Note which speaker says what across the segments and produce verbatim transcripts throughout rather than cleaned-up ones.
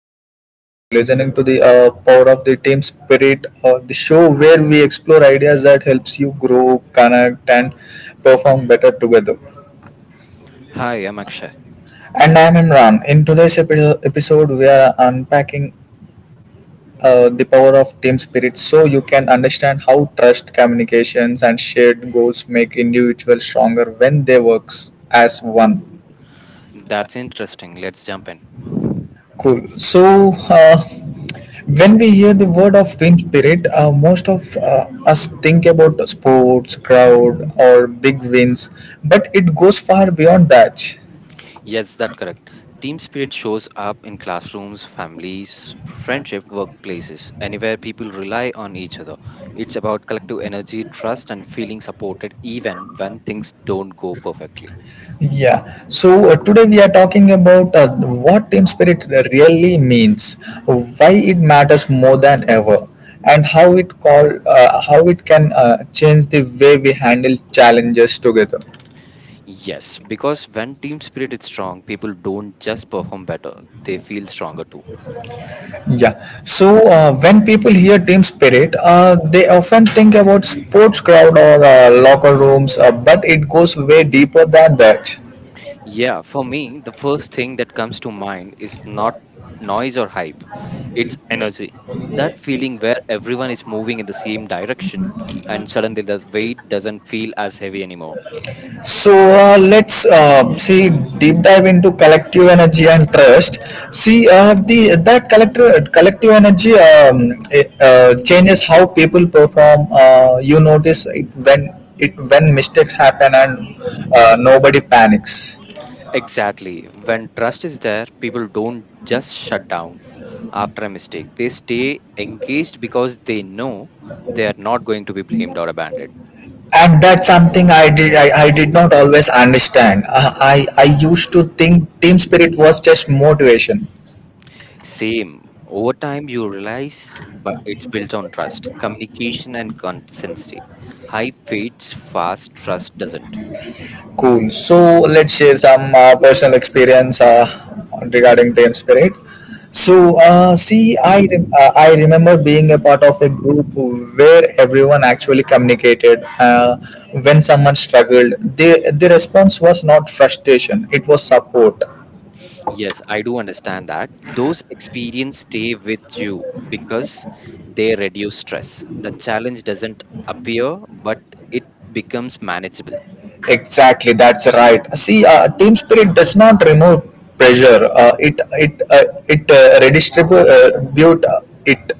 Speaker 1: podcast, and you are listening to the uh, power of the team spirit, uh, the show where we explore ideas that helps you grow, connect, and perform better together.
Speaker 2: Hi, I'm Akshay.
Speaker 1: And I'm Imran. In today's epi- episode, we are unpacking uh, the power of team spirit, so you can understand how trust, communications, and shared goals make individuals stronger when they work as one.
Speaker 2: That's interesting. Let's jump in.
Speaker 1: Cool. So, uh, When we hear the word of team spirit, uh, most of uh, us think about sports, crowd, or big wins, but it goes far beyond that.
Speaker 2: Yes, that's correct. Team spirit shows up in classrooms, families, friendship, workplaces, anywhere people rely on each other. It's about collective energy, trust, and feeling supported even when things don't go perfectly.
Speaker 1: Yeah, so uh, today we are talking about uh, what team spirit really means, why it matters more than ever, and how it call uh, how it can uh, change the way we handle challenges together.
Speaker 2: Yes, because when team spirit is strong, people don't just perform better, they feel stronger too.
Speaker 1: Yeah. So uh, when people hear team spirit, uh, they often think about sports crowd or uh, locker rooms, uh, but it goes way deeper than that.
Speaker 2: Yeah, for me, the first thing that comes to mind is not noise or hype, it's energy. That feeling where everyone is moving in the same direction and suddenly the weight doesn't feel as heavy anymore.
Speaker 1: So uh, let's uh, see deep dive into collective energy and trust. See, uh, the that collective collective energy, um, it, uh, changes how people perform. Uh, you notice it when it when mistakes happen and uh, nobody panics.
Speaker 2: Exactly. When trust is there, people don't just shut down after a mistake, they stay engaged because they know they are not going to be blamed or abandoned.
Speaker 1: And that's something i did i, I did not always understand. I, I i used to think team spirit was just motivation.
Speaker 2: Same. Over time, you realize but it's built on trust, communication, and consistency. High fades fast, trust doesn't.
Speaker 1: Cool, so let's share some uh, personal experience uh, regarding team spirit. So uh, see, i rem- uh, I remember being a part of a group where everyone actually communicated. Uh, when someone struggled, the the response was not frustration, it was support.
Speaker 2: Yes, I do understand that. Those experiences stay with you because they reduce stress. The challenge doesn't appear, but it becomes manageable.
Speaker 1: Exactly, that's right. See, uh, team spirit does not remove pressure. Uh, it it uh, it uh, redistribute uh, it.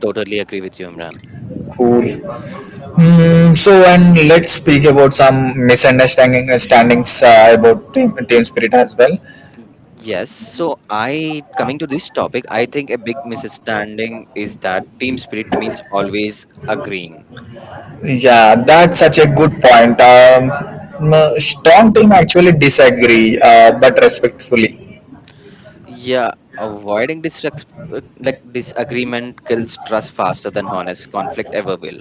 Speaker 2: Totally agree with you, Imran.
Speaker 1: Cool. Mm, so, and let's speak about some misunderstanding standings uh, about team, team spirit as well.
Speaker 2: Y- Yes, so I coming to this topic, I think a big misunderstanding is that team spirit means always agreeing.
Speaker 1: Yeah, that's such a good point. Um, m- strong team actually disagree, uh, but respectfully.
Speaker 2: Yeah, avoiding disrespect, like disagreement kills trust faster than honest conflict ever will.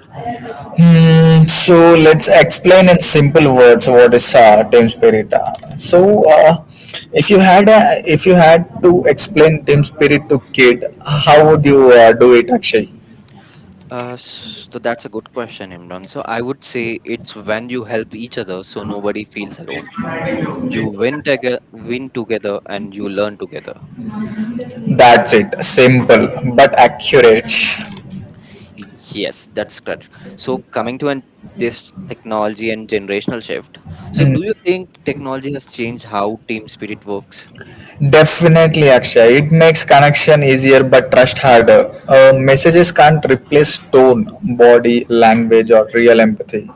Speaker 1: Mm, so let's explain in simple words what is uh, team spirit. Uh, so uh, if you had a, if you had to explain team spirit to kid, how would you uh, do it, Akshay?
Speaker 2: Uh, s- so that's a good question, Imran. So I would say it's when you help each other, so nobody feels alone. You win together, win together, and you learn together.
Speaker 1: That's it. Simple but accurate.
Speaker 2: Yes, that's correct. So coming to an, this technology and generational shift. So
Speaker 1: Mm.
Speaker 2: do you think technology has changed how team spirit works?
Speaker 1: Definitely, Akshay. It makes connection easier but trust harder. Uh, messages can't replace tone, body, language, or real empathy.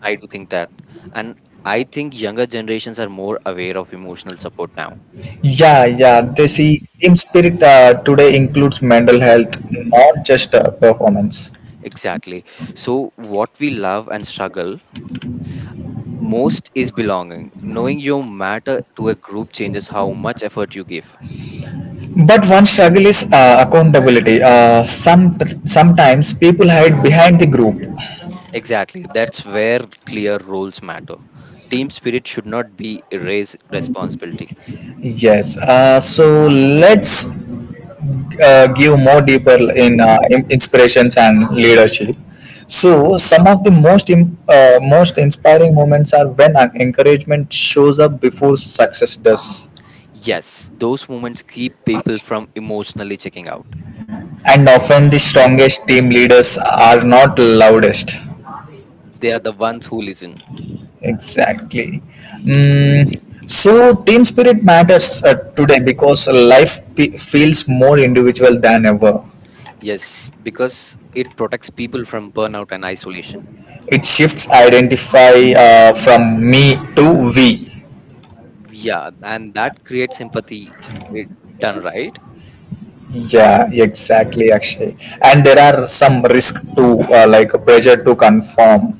Speaker 2: I do think that. And I think younger generations are more aware of emotional support now.
Speaker 1: Yeah, yeah. They see team spirit uh, today includes mental health, not just uh, performance.
Speaker 2: Exactly. So, what we love and struggle most is belonging. Knowing you matter to a group changes how much effort you give.
Speaker 1: But one struggle is uh, accountability. Uh, some sometimes people hide behind the group.
Speaker 2: Exactly. That's where clear roles matter. Team spirit should not be erased responsibility.
Speaker 1: Yes. Uh, so let's uh, give more deeper in uh, in- inspirations and leadership. So some of the most im- uh, most inspiring moments are when uh, encouragement shows up before success does.
Speaker 2: Yes, those moments keep people from emotionally checking out.
Speaker 1: And often the strongest team leaders are not loudest.
Speaker 2: They are the ones who listen.
Speaker 1: Exactly. Mm, so team spirit matters uh, today because life pe- feels more individual than ever.
Speaker 2: Yes, because it protects people from burnout and isolation.
Speaker 1: It shifts identify uh, from me to we.
Speaker 2: Yeah, and that creates empathy, it done right.
Speaker 1: Yeah, exactly, Akshay. And there are some risk to uh, like a pressure to conform.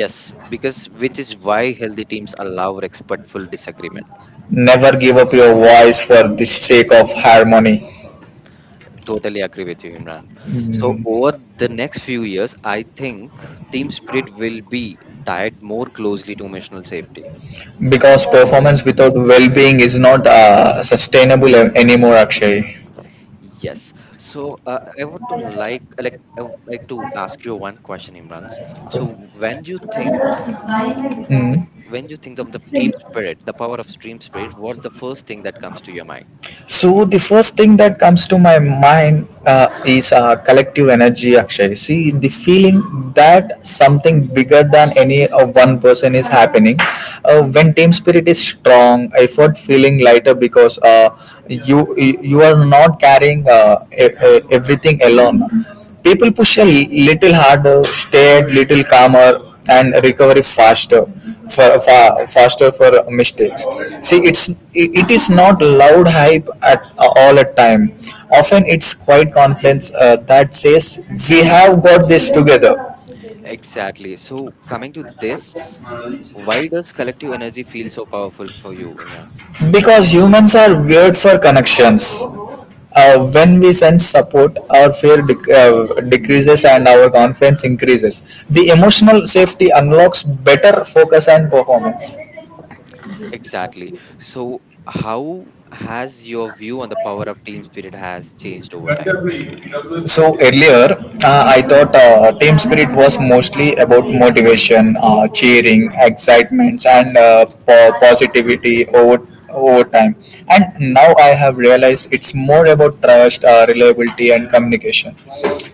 Speaker 2: Yes, because which is why healthy teams allow respectful disagreement.
Speaker 1: Never give up your voice for the sake of harmony.
Speaker 2: Totally agree with you, Imran. So over the next few years I think team spirit will be tied more closely to emotional safety.
Speaker 1: Because performance without well-being is not uh, sustainable a- anymore, Akshay.
Speaker 2: Yes, so uh, i would to like like I would like to ask you one question, Imran. So when do you think, like
Speaker 1: Hmm.
Speaker 2: when you think of the team spirit, the power of team spirit, what's the first thing that comes to your mind?
Speaker 1: So the first thing that comes to my mind uh, is uh, collective energy. Actually, see the feeling that something bigger than any uh, one person is happening. Uh, when team spirit is strong, effort feeling lighter because uh, you you you are not carrying uh, e- e- everything alone. People push a little harder, stay at little calmer, and recovery faster, for, fa faster for mistakes. See, it's it is not loud hype at all at time. Often, it's quiet confidence uh, that says we have got this together.
Speaker 2: Exactly. So coming to this, why does collective energy feel so powerful for you, Imran?
Speaker 1: Because humans are weird for connections. Uh, when we sense support, our fear dec- uh, decreases and our confidence increases. The emotional safety unlocks better focus and performance.
Speaker 2: Exactly. So how has your view on the power of team spirit has changed over time?
Speaker 1: So earlier, uh, I thought uh, team spirit was mostly about motivation, uh, cheering, excitements, and uh, po- positivity over over time. And now I have realized it's more about trust, uh, reliability, and communication.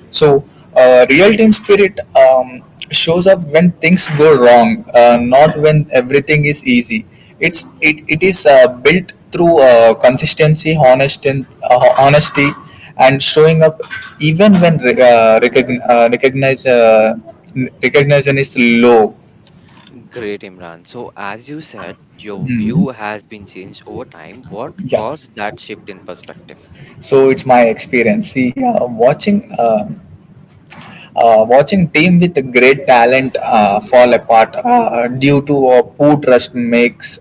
Speaker 1: So uh, real team spirit um, shows up when things go wrong, uh, not when everything is easy. It's it, it is uh, built through uh, consistency, honest and, uh, honesty and showing up even when re- uh, recogn- uh, recognize, uh, recognition is low.
Speaker 2: Great, Imran. So as you said, your
Speaker 1: Mhm.
Speaker 2: view has been changed over time. What
Speaker 1: Yeah.
Speaker 2: caused that shift in perspective?
Speaker 1: So it's my experience. See, uh, watching uh, uh, watching team with great talent uh, fall apart uh, due to uh, poor trust makes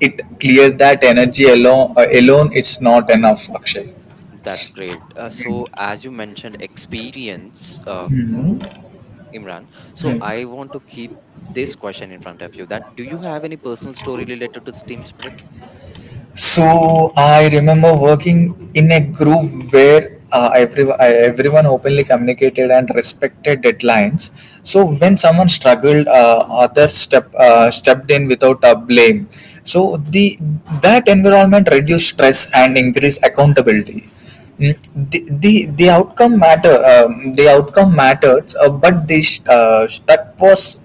Speaker 1: it clear that energy alone uh, alone is not enough. Akshay.
Speaker 2: That's great. Uh, so as you mentioned experience, uh,
Speaker 1: Mhm.
Speaker 2: Imran, so I want to keep this question in front of you that do you have any personal story related to this team spirit?
Speaker 1: So I remember working in a group where uh, every, I- everyone openly communicated and respected deadlines. So when someone struggled, uh, others step, uh, stepped in without a blame. So the that environment reduced stress and increased accountability. Mm. The, the, the outcome matter um, the outcome mattered, uh, but the st- uh, that was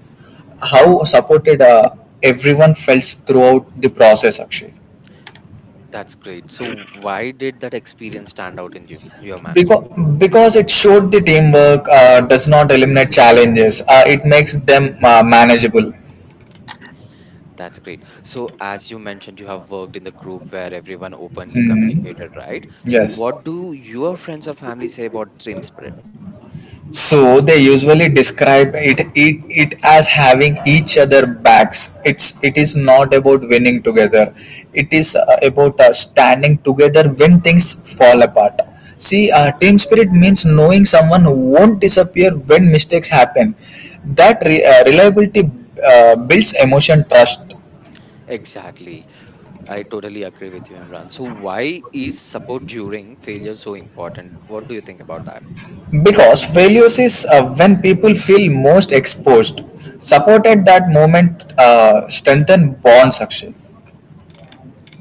Speaker 1: how supported uh, everyone felt throughout the process. Actually.
Speaker 2: That's great. So, why did that experience stand out in you, your manner?
Speaker 1: because because it showed the teamwork uh, does not eliminate challenges, uh, it makes them uh, manageable.
Speaker 2: That's great. So, as you mentioned, you have worked in the group where everyone openly
Speaker 1: Mhm.
Speaker 2: communicated, right? So,
Speaker 1: Yes,
Speaker 2: what do your friends or family say about team spirit?
Speaker 1: so they usually describe it, it it as having each other backs. It's it is not about winning together, it is uh, about uh, standing together when things fall apart. See, uh, team spirit means knowing someone who won't disappear when mistakes happen. That re- uh, reliability uh, builds emotion trust.
Speaker 2: Exactly. I totally agree with you, Imran. So, why is support during failure so important? What do you think about that?
Speaker 1: Because failures is uh, when people feel most exposed. Support at that moment uh, strengthen bonds actually.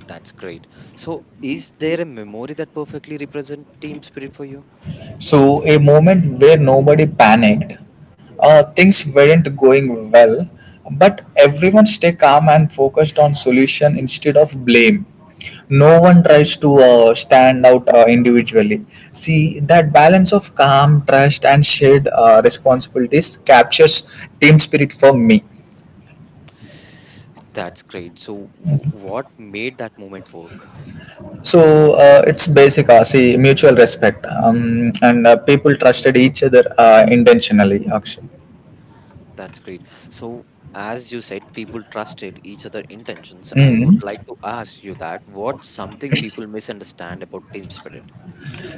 Speaker 2: That's great. So, is there a memory that perfectly represents team spirit for you?
Speaker 1: So a moment where nobody panicked, uh, things weren't going well, but everyone stay calm and focused on solution instead of blame. No one tries to uh, stand out uh, individually. See that balance of calm, trust, and shared uh, responsibilities captures team spirit for me.
Speaker 2: That's great. So, w- what made that moment work?
Speaker 1: So uh, it's basic, uh, see, mutual respect, um, and uh, people trusted each other uh, intentionally, actually.
Speaker 2: That's great. So, as you said, people trusted each other intentions. I
Speaker 1: Mm.
Speaker 2: would like to ask you that what's something people misunderstand about team spirit?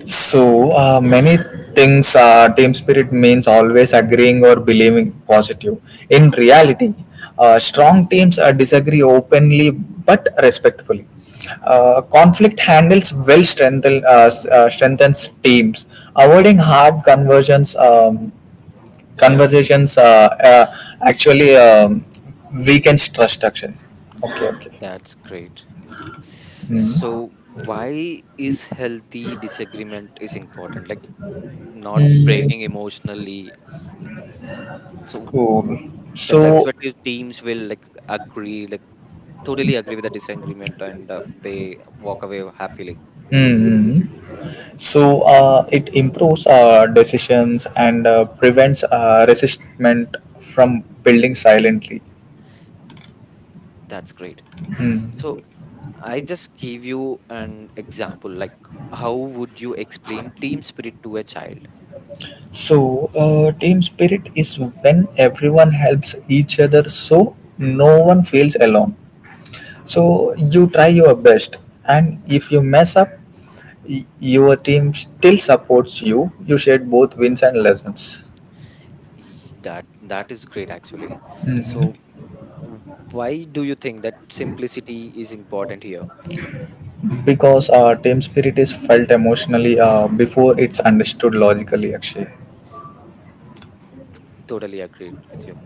Speaker 1: So uh, many things uh, team spirit means always agreeing or believing positive. In reality, uh, strong teams uh, disagree openly but respectfully. Uh, conflict handles well strengthen, uh, s- uh, strengthens teams, avoiding hard conversions. Um, conversations uh, uh, actually um, weakens trust. Actually, okay,
Speaker 2: Mm,
Speaker 1: okay.
Speaker 2: That's great. So,
Speaker 1: Hmm.
Speaker 2: why is healthy disagreement is important? Like not
Speaker 1: Hmm.
Speaker 2: breaking emotionally. Like, so
Speaker 1: Cool.
Speaker 2: that the
Speaker 1: So
Speaker 2: respective teams will like agree, like totally agree with the disagreement, and uh, they walk away happily.
Speaker 1: hmm. So uh, it improves uh, decisions and uh, prevents uh, resistment from building silently.
Speaker 2: That's great. So
Speaker 1: Hmm.
Speaker 2: I just gave you an example, like how would you explain team spirit to a child?
Speaker 1: So uh, team spirit is when everyone helps each other, so no one feels alone. So you try your best, and if you mess up, y- your team still supports you. You shared both wins and lessons.
Speaker 2: Ye- That that is great actually.
Speaker 1: Mhm.
Speaker 2: So w- why do you think that simplicity is important here?
Speaker 1: Because uh, team spirit is felt emotionally uh, before it's understood logically actually.
Speaker 2: Totally agreed with you.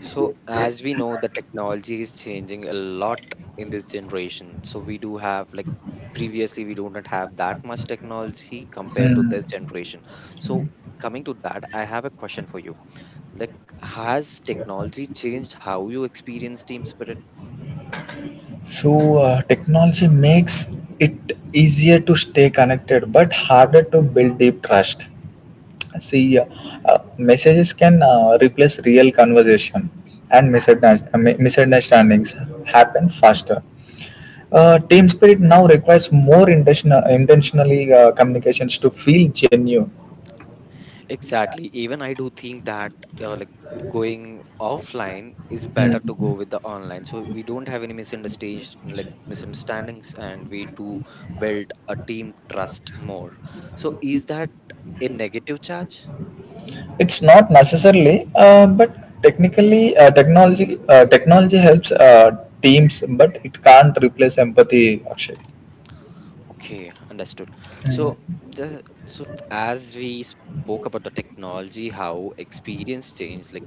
Speaker 2: So as we know, the technology is changing a lot in this generation. So we do have like previously we do not have that much technology compared to
Speaker 1: Hmm.
Speaker 2: this generation. So coming to that, I have a question for you. Like, has technology changed how you experience team spirit?
Speaker 1: So, uh, technology makes it easier to stay connected but harder to build deep trust. See, uh, uh, messages can uh, replace real conversation, and misunderstand- uh, mi- misunderstandings happen faster. Uh, team spirit now requires more intentional, intentionally uh, communications to feel genuine.
Speaker 2: Exactly. Even I do think that uh, like going offline is better to go
Speaker 1: Hmm.
Speaker 2: with the online. So we don't have any misunderstandings, like misunderstandings, and we do build a team trust more. So is that a negative charge?
Speaker 1: It's not necessarily, uh, but technically, uh, technology uh, technology helps uh, teams, but it can't replace empathy. Actually.
Speaker 2: Okay, understood.
Speaker 1: Mm,
Speaker 2: So the so as we spoke about the technology, how experience changed, like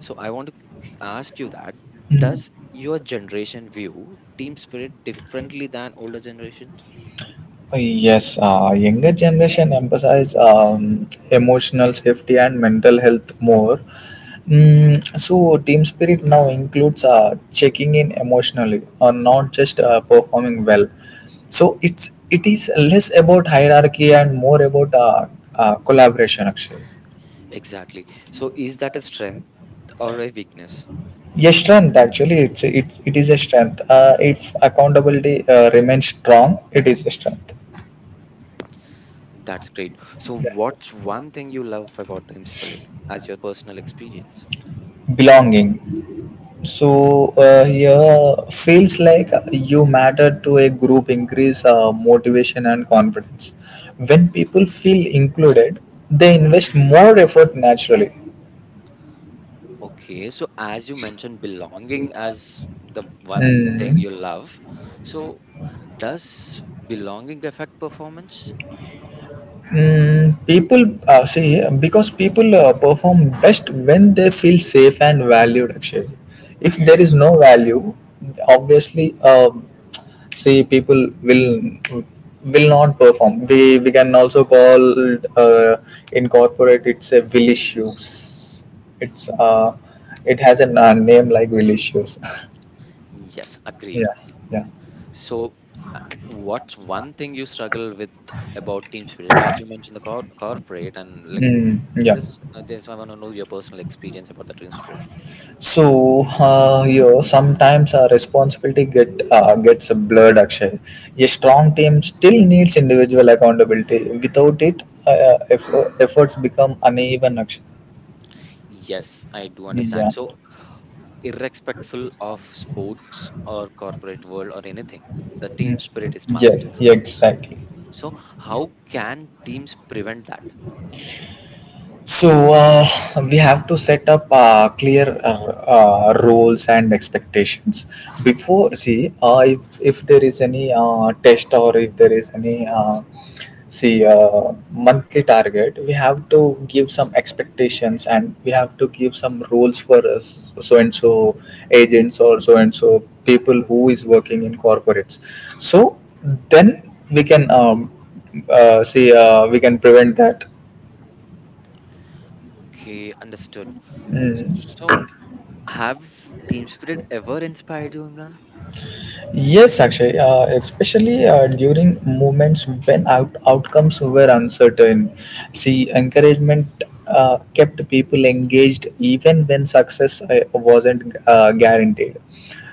Speaker 2: so I want to ask you that
Speaker 1: mm,
Speaker 2: does your generation view team spirit differently than older generations?
Speaker 1: yes, uh, younger generation emphasize um, emotional safety and mental health more. Mm, so team spirit now includes uh, checking in emotionally, or not just uh, performing well. So it's it is less about hierarchy and more about uh, uh, collaboration. Actually.
Speaker 2: Exactly. So is that a strength or a weakness?
Speaker 1: Yeah, strength actually it's it's it is a strength. Uh, if accountability uh, remains strong, it is a strength.
Speaker 2: That's great. So
Speaker 1: Yeah.
Speaker 2: what's one thing you love about team spirit as your personal experience?
Speaker 1: Belonging. So uh, here feels like you matter to a group increase uh, motivation and confidence. When people feel included, they invest more effort naturally.
Speaker 2: Okay, so as you mentioned belonging as the one thing
Speaker 1: Mhm.
Speaker 2: you love. So does belonging affect performance?
Speaker 1: Mm, people uh, see because people uh, perform best when they feel safe and valued. Actually, if there is no value, obviously, um, see people will will not perform. We we can also call uh, in corporate it's a will issues. It's uh, it has a uh, name like will issues.
Speaker 2: Yes,
Speaker 1: Yeah,
Speaker 2: agreed.
Speaker 1: yeah,
Speaker 2: So what's one thing you struggle with about team spirit? As you mentioned, the cor- corporate and like
Speaker 1: mm, yeah.
Speaker 2: this, uh, this, I want to know your personal experience about the team spirit.
Speaker 1: So uh, you know, sometimes uh, responsibility get uh, gets blurred. Actually, a strong team still needs individual accountability. Without it, uh, effort, efforts become uneven. Actually,
Speaker 2: Yes, I do
Speaker 1: yeah.
Speaker 2: understand. So, irrespectful of sports or corporate world or anything, the team
Speaker 1: Mm.
Speaker 2: spirit is must.
Speaker 1: Yes,
Speaker 2: S-
Speaker 1: exactly.
Speaker 2: So, how can teams prevent that?
Speaker 1: So uh, we have to set up uh, clear uh, uh, roles and expectations before. See, uh, if if there is any uh, test or if there is any uh, see uh, monthly target, we have to give some expectations and we have to give some roles for us so and so agents or so and so people who is working in corporates. So then we can um, uh, see uh, we can prevent that.
Speaker 2: Okay, understood.
Speaker 1: Mm.
Speaker 2: So, have team spirit ever inspired you, Imran?
Speaker 1: Yes, actually, uh, especially uh, during moments when out- outcomes were uncertain. See, encouragement uh, kept people engaged even when success uh, wasn't uh, guaranteed.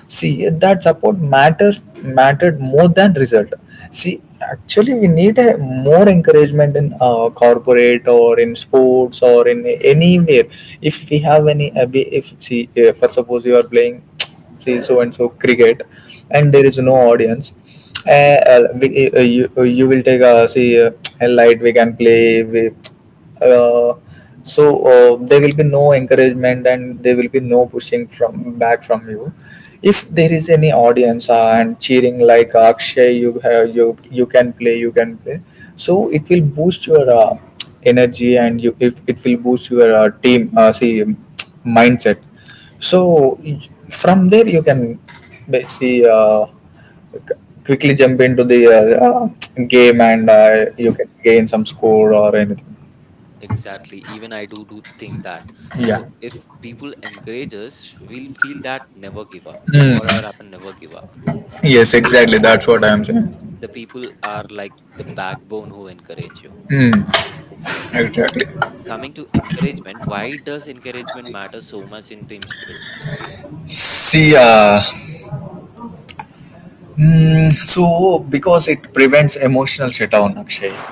Speaker 1: See, that support matters, mattered more than result. See, actually we need a more encouragement in uh, corporate or in sports or in anywhere. If we have any abi- if see uh, for suppose you are playing, see, so and so cricket, and there is no audience. uh, uh, we- uh, you, uh, you will take a see uh, a light we can play with. Uh, so uh, there will be no encouragement and there will be no pushing from back from you. If there is any audience uh, and cheering, like, Akshay, you have you you can play, you can play, so it will boost your uh, energy, and you it, it will boost your uh, team uh, see mindset. so y- from there you can ba- see uh, c- quickly jump into the uh, uh, game and uh, you can gain some score or anything.
Speaker 2: Exactly. Even I do do think that.
Speaker 1: Yeah.
Speaker 2: So if people encourage us, we'll feel that never give up. Whatever
Speaker 1: Mm.
Speaker 2: happen, never give up.
Speaker 1: Yes, exactly. That's what I'm saying.
Speaker 2: The people are like the backbone who encourage you.
Speaker 1: Mm.
Speaker 2: So
Speaker 1: Exactly.
Speaker 2: coming to encouragement, why does encouragement matter so much in team spirit?
Speaker 1: See, uh, mm, so because it prevents emotional shutdown, Akshay.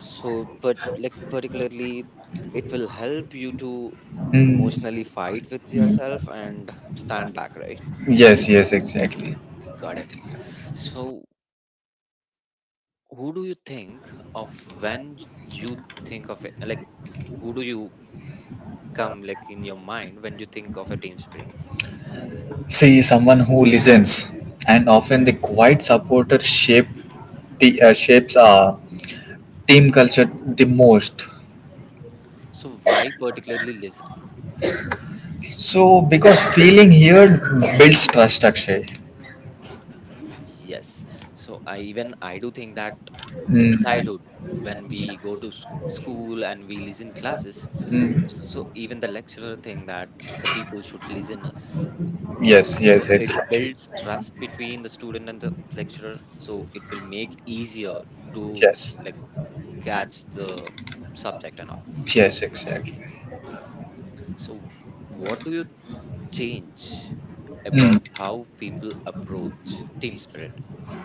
Speaker 2: So, but like particularly, it will help you to
Speaker 1: Mm.
Speaker 2: emotionally fight with yourself and stand back, right?
Speaker 1: Yes, yes, exactly.
Speaker 2: Got it. So who do you think of when j- you think of it, like who do you come like in your mind when you think of a team spirit?
Speaker 1: See, someone who listens, and often the quiet supporter shape the uh, shapes uh, team culture the most.
Speaker 2: So why particularly listening?
Speaker 1: So, because feeling here builds trust, Akshay.
Speaker 2: Yes, so I even I do think that in
Speaker 1: Mm.
Speaker 2: childhood when we go to s- school and we listen classes,
Speaker 1: Mm.
Speaker 2: so even the lecturer think that the people should listen us,
Speaker 1: Yes,
Speaker 2: so
Speaker 1: yes,
Speaker 2: it
Speaker 1: exactly.
Speaker 2: builds trust between the student and the lecturer, so it will make easier to
Speaker 1: Yes,
Speaker 2: like catch the subject and all.
Speaker 1: yes, exactly.
Speaker 2: So, what do you change
Speaker 1: Mm.
Speaker 2: about how people approach team spirit?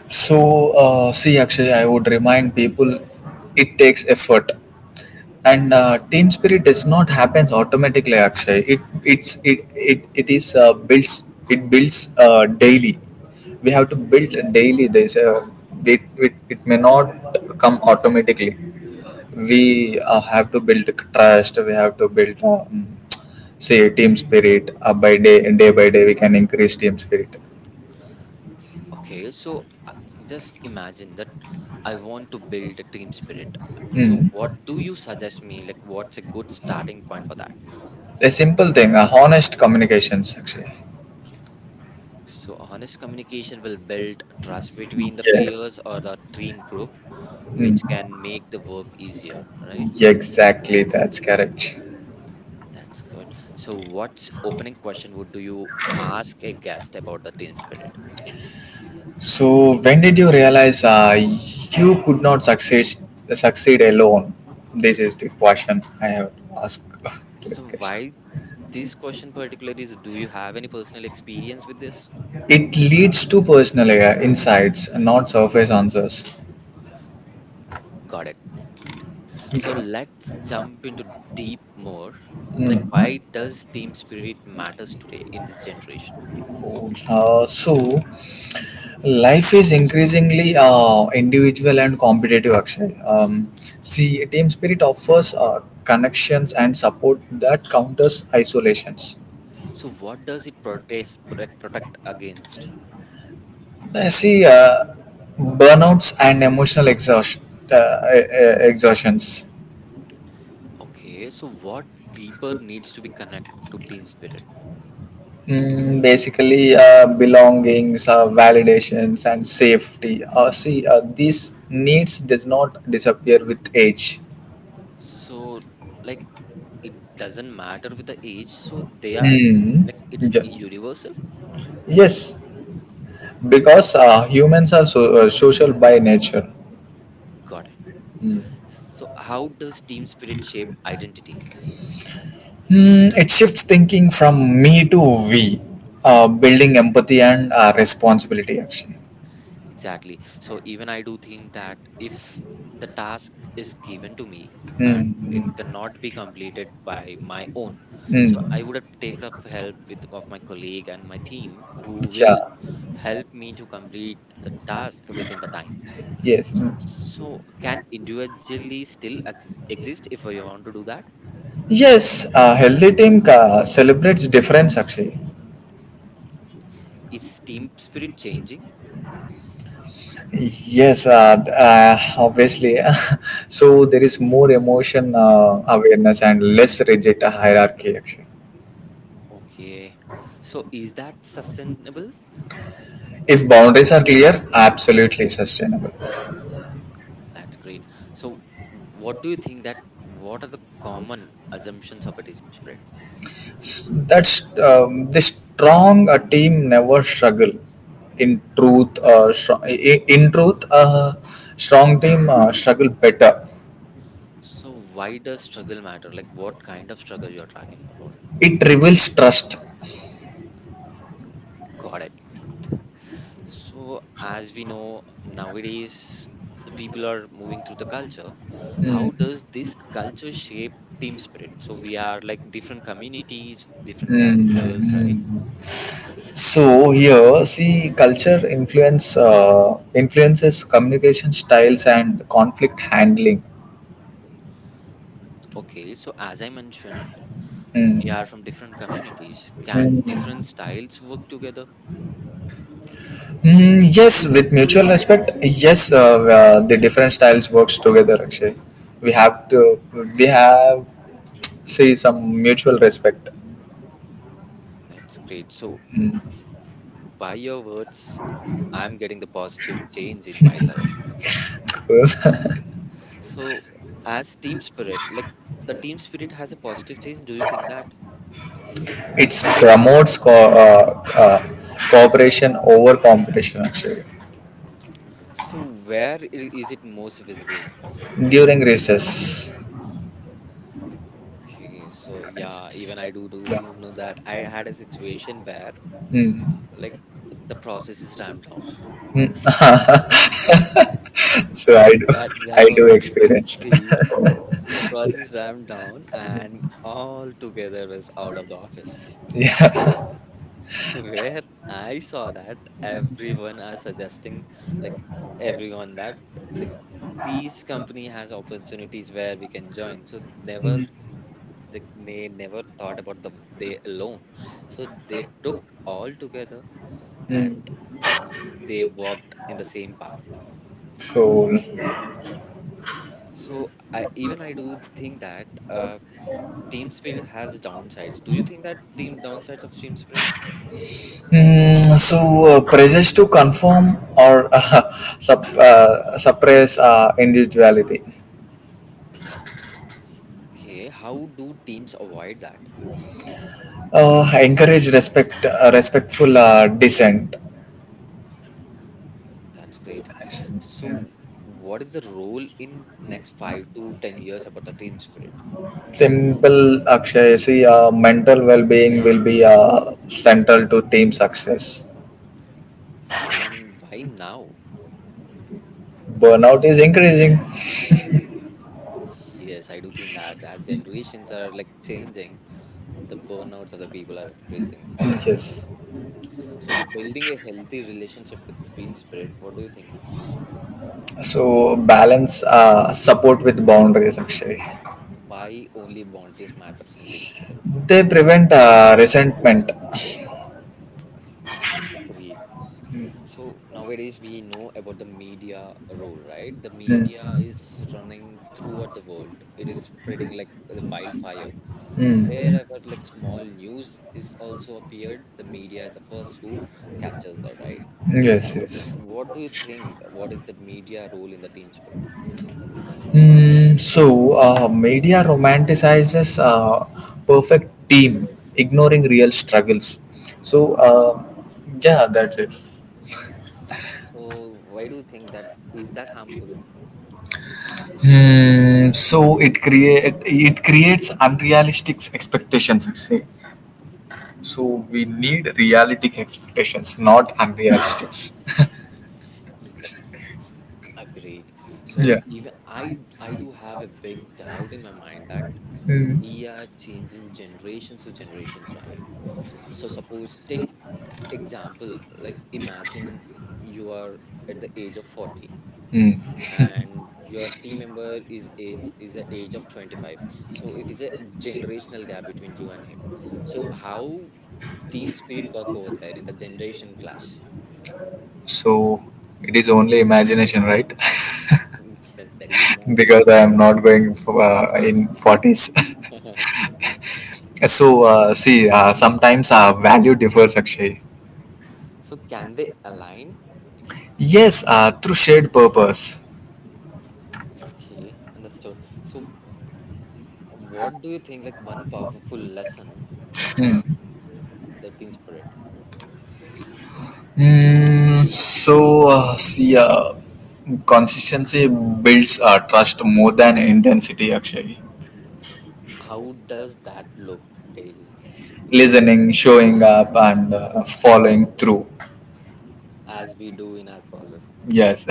Speaker 1: So, uh, see, actually, I would remind people it takes effort, and uh, team spirit does not happens automatically. Actually, it it's it it, it is uh, builds it builds uh, daily. We have to build daily. There's a it, it it may not come automatically. We uh, have to build trust. We have to build. Um, say team spirit uh, by day day by day we can increase team spirit.
Speaker 2: Okay, so uh, just imagine that I want to build a team spirit. So,
Speaker 1: Mm.
Speaker 2: what do you suggest me? Like, what's a good starting point for that?
Speaker 1: A simple thing, a honest communications actually.
Speaker 2: So, honest communication will build trust between the
Speaker 1: Yeah.
Speaker 2: players or the team group,
Speaker 1: Mm.
Speaker 2: which can make the work easier, right?
Speaker 1: Exactly, that's correct.
Speaker 2: That's good. So, what's opening question would do you ask a guest about the team spirit?
Speaker 1: So when did you realize uh, you could not succeed succeed alone? This is the question I have to ask to the
Speaker 2: So,
Speaker 1: guest.
Speaker 2: why this question particularly is do you have any personal experience with this?
Speaker 1: It leads to personal uh, insights, not surface answers.
Speaker 2: Got it. So, let's jump into deep more. Like, why
Speaker 1: Mm.
Speaker 2: does team spirit matters today in this generation?
Speaker 1: Cool. Uh, so, life is increasingly uh, individual and competitive, Akshay. Um, see, team spirit offers uh, connections and support that counters isolations.
Speaker 2: So, what does it protest like protect against?
Speaker 1: Uh, see, uh, burnouts and emotional exhaust, uh, e- e- exhaustions.
Speaker 2: Okay, so what deeper needs to be connect to team spirit?
Speaker 1: Mm, basically, uh, belongings, uh, validations, and safety. Uh, see, uh, these needs does not disappear with age.
Speaker 2: So, like it doesn't matter with the age so they are
Speaker 1: Mm.
Speaker 2: like it's
Speaker 1: Yeah.
Speaker 2: universal.
Speaker 1: Yes, because uh, humans are so, uh, social by nature.
Speaker 2: Got it. So how does team spirit shape identity?
Speaker 1: Hmm, it shifts thinking from me to we, uh, building empathy and uh, responsibility actually.
Speaker 2: Exactly. So even I do think that if the task is given to me and
Speaker 1: Mm,
Speaker 2: it
Speaker 1: mm,
Speaker 2: cannot be completed by my own, so
Speaker 1: mm.
Speaker 2: I would have taken up help with of my colleague and my team who will
Speaker 1: Yeah,
Speaker 2: help me to complete the task within the time.
Speaker 1: yes. Mm.
Speaker 2: So can individually still ex- exist if I want to do that?
Speaker 1: Yes, a healthy team uh, celebrates difference actually.
Speaker 2: Is team spirit changing?
Speaker 1: Yes, uh, th- uh, obviously. So there is more emotion uh, awareness and less rigid hierarchy actually.
Speaker 2: Okay. So is that sustainable?
Speaker 1: If boundaries are clear, absolutely sustainable.
Speaker 2: That's great. So w- what do you think that what are the common assumptions of a team spirit?
Speaker 1: S- That's um, the strong uh, team never struggle. In truth, uh, str- i- in truth, uh, strong team uh, struggle better.
Speaker 2: So why does struggle matter? Like what kind of struggle you're talking about?
Speaker 1: It reveals trust.
Speaker 2: Got it. So as we know nowadays the people are moving through the culture. How
Speaker 1: Mm,
Speaker 2: does this culture shape team spirit? So we are like different communities, different
Speaker 1: mm,
Speaker 2: characters,
Speaker 1: mm.
Speaker 2: right?
Speaker 1: So here, see, culture influence uh, influences communication styles and conflict handling.
Speaker 2: Mm, Okay, so as I mentioned, we
Speaker 1: Mm.
Speaker 2: are from different communities. Can different
Speaker 1: Mm.
Speaker 2: styles work together?
Speaker 1: Mm, yes, with mutual respect. Yes, uh, uh, the different styles works together. Actually, we have to we have see some mutual respect.
Speaker 2: That's great. So, by your words, I'm getting the positive change in myself. So, as team spirit, like the team spirit has a positive change. Do you think that?
Speaker 1: It promotes co- uh, uh, cooperation over competition. Actually,
Speaker 2: So, where i- is it most visible?
Speaker 1: during recess,
Speaker 2: Okay, so yeah, even
Speaker 1: crisis.
Speaker 2: I do do,
Speaker 1: Yeah.
Speaker 2: do know that I had a situation where
Speaker 1: Mm.
Speaker 2: like the process is ramped down.
Speaker 1: Mm.
Speaker 2: Mm,
Speaker 1: So
Speaker 2: That
Speaker 1: I do,
Speaker 2: that that
Speaker 1: I
Speaker 2: was a
Speaker 1: do
Speaker 2: different
Speaker 1: experienced.
Speaker 2: feel. The process
Speaker 1: Yeah.
Speaker 2: ramped down and all together was out of the office.
Speaker 1: Yeah.
Speaker 2: Where I saw that everyone are suggesting like everyone that like these company has opportunities where we can join. So never
Speaker 1: Mm.
Speaker 2: they, they never thought about the they alone. So they took all together and
Speaker 1: Mm.
Speaker 2: they walked in the same path.
Speaker 1: Cool.
Speaker 2: So I even I do think that uh, team spirit has downsides. Do you think that team downsides of team spirit?
Speaker 1: Mm, so, uh, pressures to conform or uh, sup, uh, suppress uh, individuality.
Speaker 2: Y- Okay, how do teams avoid that?
Speaker 1: Uh, encourage respect, uh, respectful uh, dissent.
Speaker 2: That's great. So, what is the role in next five to ten years about the team spirit,
Speaker 1: Simple, Akshay. See, uh, mental well-being will be uh, central to team success.
Speaker 2: and why now?
Speaker 1: Burnout is increasing.
Speaker 2: Yes, I do think that as generations are like changing, the burnouts of the people are increasing.
Speaker 1: Yes.
Speaker 2: So, building a healthy relationship with team spirit, what do you think that?
Speaker 1: So balance uh, support with boundaries. Actually,
Speaker 2: Why only boundaries matters in team spirit?
Speaker 1: they prevent uh, resentment.
Speaker 2: Agreed. So nowadays we know about the media role, right? The media
Speaker 1: Mm.
Speaker 2: is running throughout the world. It is spreading like the wildfire.
Speaker 1: Mm.
Speaker 2: Wherever like small news is also appeared, the media is the first who captures that, right? So
Speaker 1: Yes, yes.
Speaker 2: what do you think? What is the media role in the team spirit?
Speaker 1: Mm, so, uh, media romanticizes uh, perfect team, ignoring real struggles. So, uh, yeah, that's it.
Speaker 2: So why do you think that is that harmful?
Speaker 1: Hmm. So it create it creates unrealistic expectations, I say. So we need realistic expectations, not unrealistic.
Speaker 2: Agreed. So
Speaker 1: Yeah.
Speaker 2: even I I do have a big doubt in my mind that
Speaker 1: Hmm.
Speaker 2: we are changing generations to generations, right? So suppose take example, like imagine you are at the age of forty
Speaker 1: Hmm.
Speaker 2: and your team member is age is at age of twenty-five. So it is a generational gap between you and him. So how team spirit work over there in the generation clash?
Speaker 1: So it is only imagination, right?
Speaker 2: Yes, that is imagination.
Speaker 1: Because I am not going for, uh, in forties. So, uh, see, uh, sometimes our value differs, Akshay.
Speaker 2: So can they align?
Speaker 1: Yes, uh, through shared purpose.
Speaker 2: Okay, understood. So, what do you think, like one powerful lesson from
Speaker 1: Hmm.
Speaker 2: the team spirit?
Speaker 1: Mm, so, uh, see, uh, consistency builds uh, trust more than intensity, Akshay.
Speaker 2: How does that look daily
Speaker 1: Listening, showing up, and uh, following through.
Speaker 2: as we do in our process?
Speaker 1: Yes.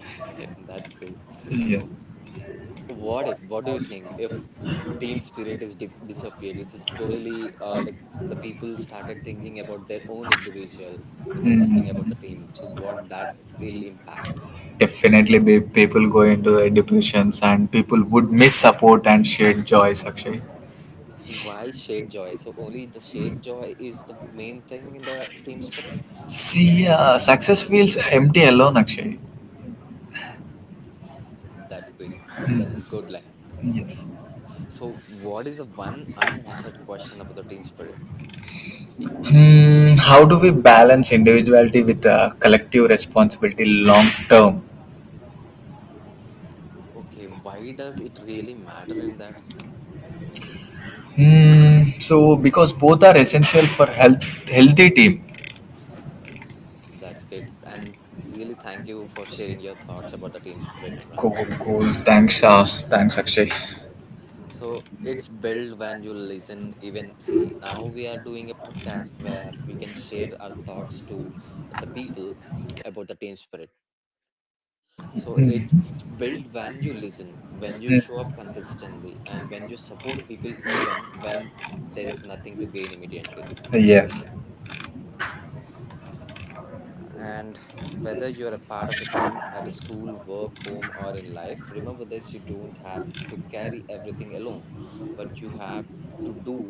Speaker 2: That's great.
Speaker 1: Yeah.
Speaker 2: So, what if, what do you think if team spirit is dip disappeared? This is totally uh, like the people started thinking about their own individual without thinking about the
Speaker 1: Mm,
Speaker 2: team. So, what that will impact?
Speaker 1: definitely, be- people go into uh, depressions, and people would miss support and shared joys, Akshay.
Speaker 2: Why shared joy? So, only the shared joy is the main thing in the team spirit?
Speaker 1: See, uh, success feels empty alone, Akshay.
Speaker 2: That's great. That's a good line.
Speaker 1: Yes.
Speaker 2: So, what is the one unanswered question about the team spirit?
Speaker 1: Hmm, how do we balance individuality with uh, collective responsibility long term?
Speaker 2: Okay, why does it really matter in that?
Speaker 1: Hmm, so because both are essential for health, healthy team.
Speaker 2: That's great. And really thank you for sharing your thoughts about the team spirit, Imran.
Speaker 1: Cool, cool. Thanks, uh, thanks, Akshay.
Speaker 2: So, it's built when you listen, even see. Now we are doing a podcast where we can share our thoughts to the people about the team spirit. So it's
Speaker 1: Mhm.
Speaker 2: built when you listen, when you show up
Speaker 1: Hmm.
Speaker 2: consistently, and when you support people even when there is nothing to gain immediately.
Speaker 1: Yes,
Speaker 2: And whether you're a part of a team at a school, work, home, or in life, remember this you don't have to carry everything alone, but you have to do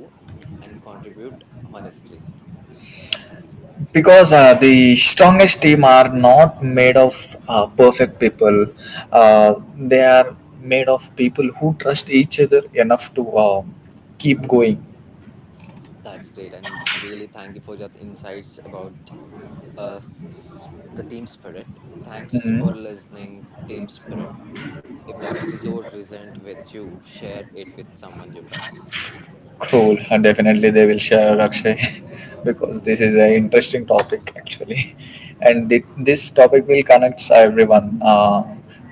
Speaker 2: and contribute honestly.
Speaker 1: because uh, the strongest team are not made of uh, perfect people. Uh, they are made of people who trust each other enough to um keep going.
Speaker 2: That's great. And really thank you for your insights about uh, the team spirit. Thanks for
Speaker 1: Mhm.
Speaker 2: listening, team spirit. If the episode resonated with you, share it with someone you trust.
Speaker 1: Cool. Definitely they will share, Akshay, because this is an interesting topic actually. And thi- this topic will connect everyone uh,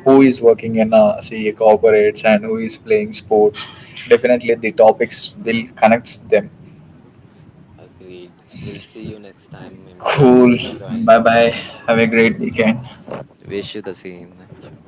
Speaker 1: who is working in uh, CA corporates and who is playing sports. Definitely the topics will connect them.
Speaker 2: Agreed. We'll see you next time, Imran. Thank you
Speaker 1: Cool.
Speaker 2: for joining.
Speaker 1: Bye bye. Have a great weekend.
Speaker 2: Wish you the same. Thank you.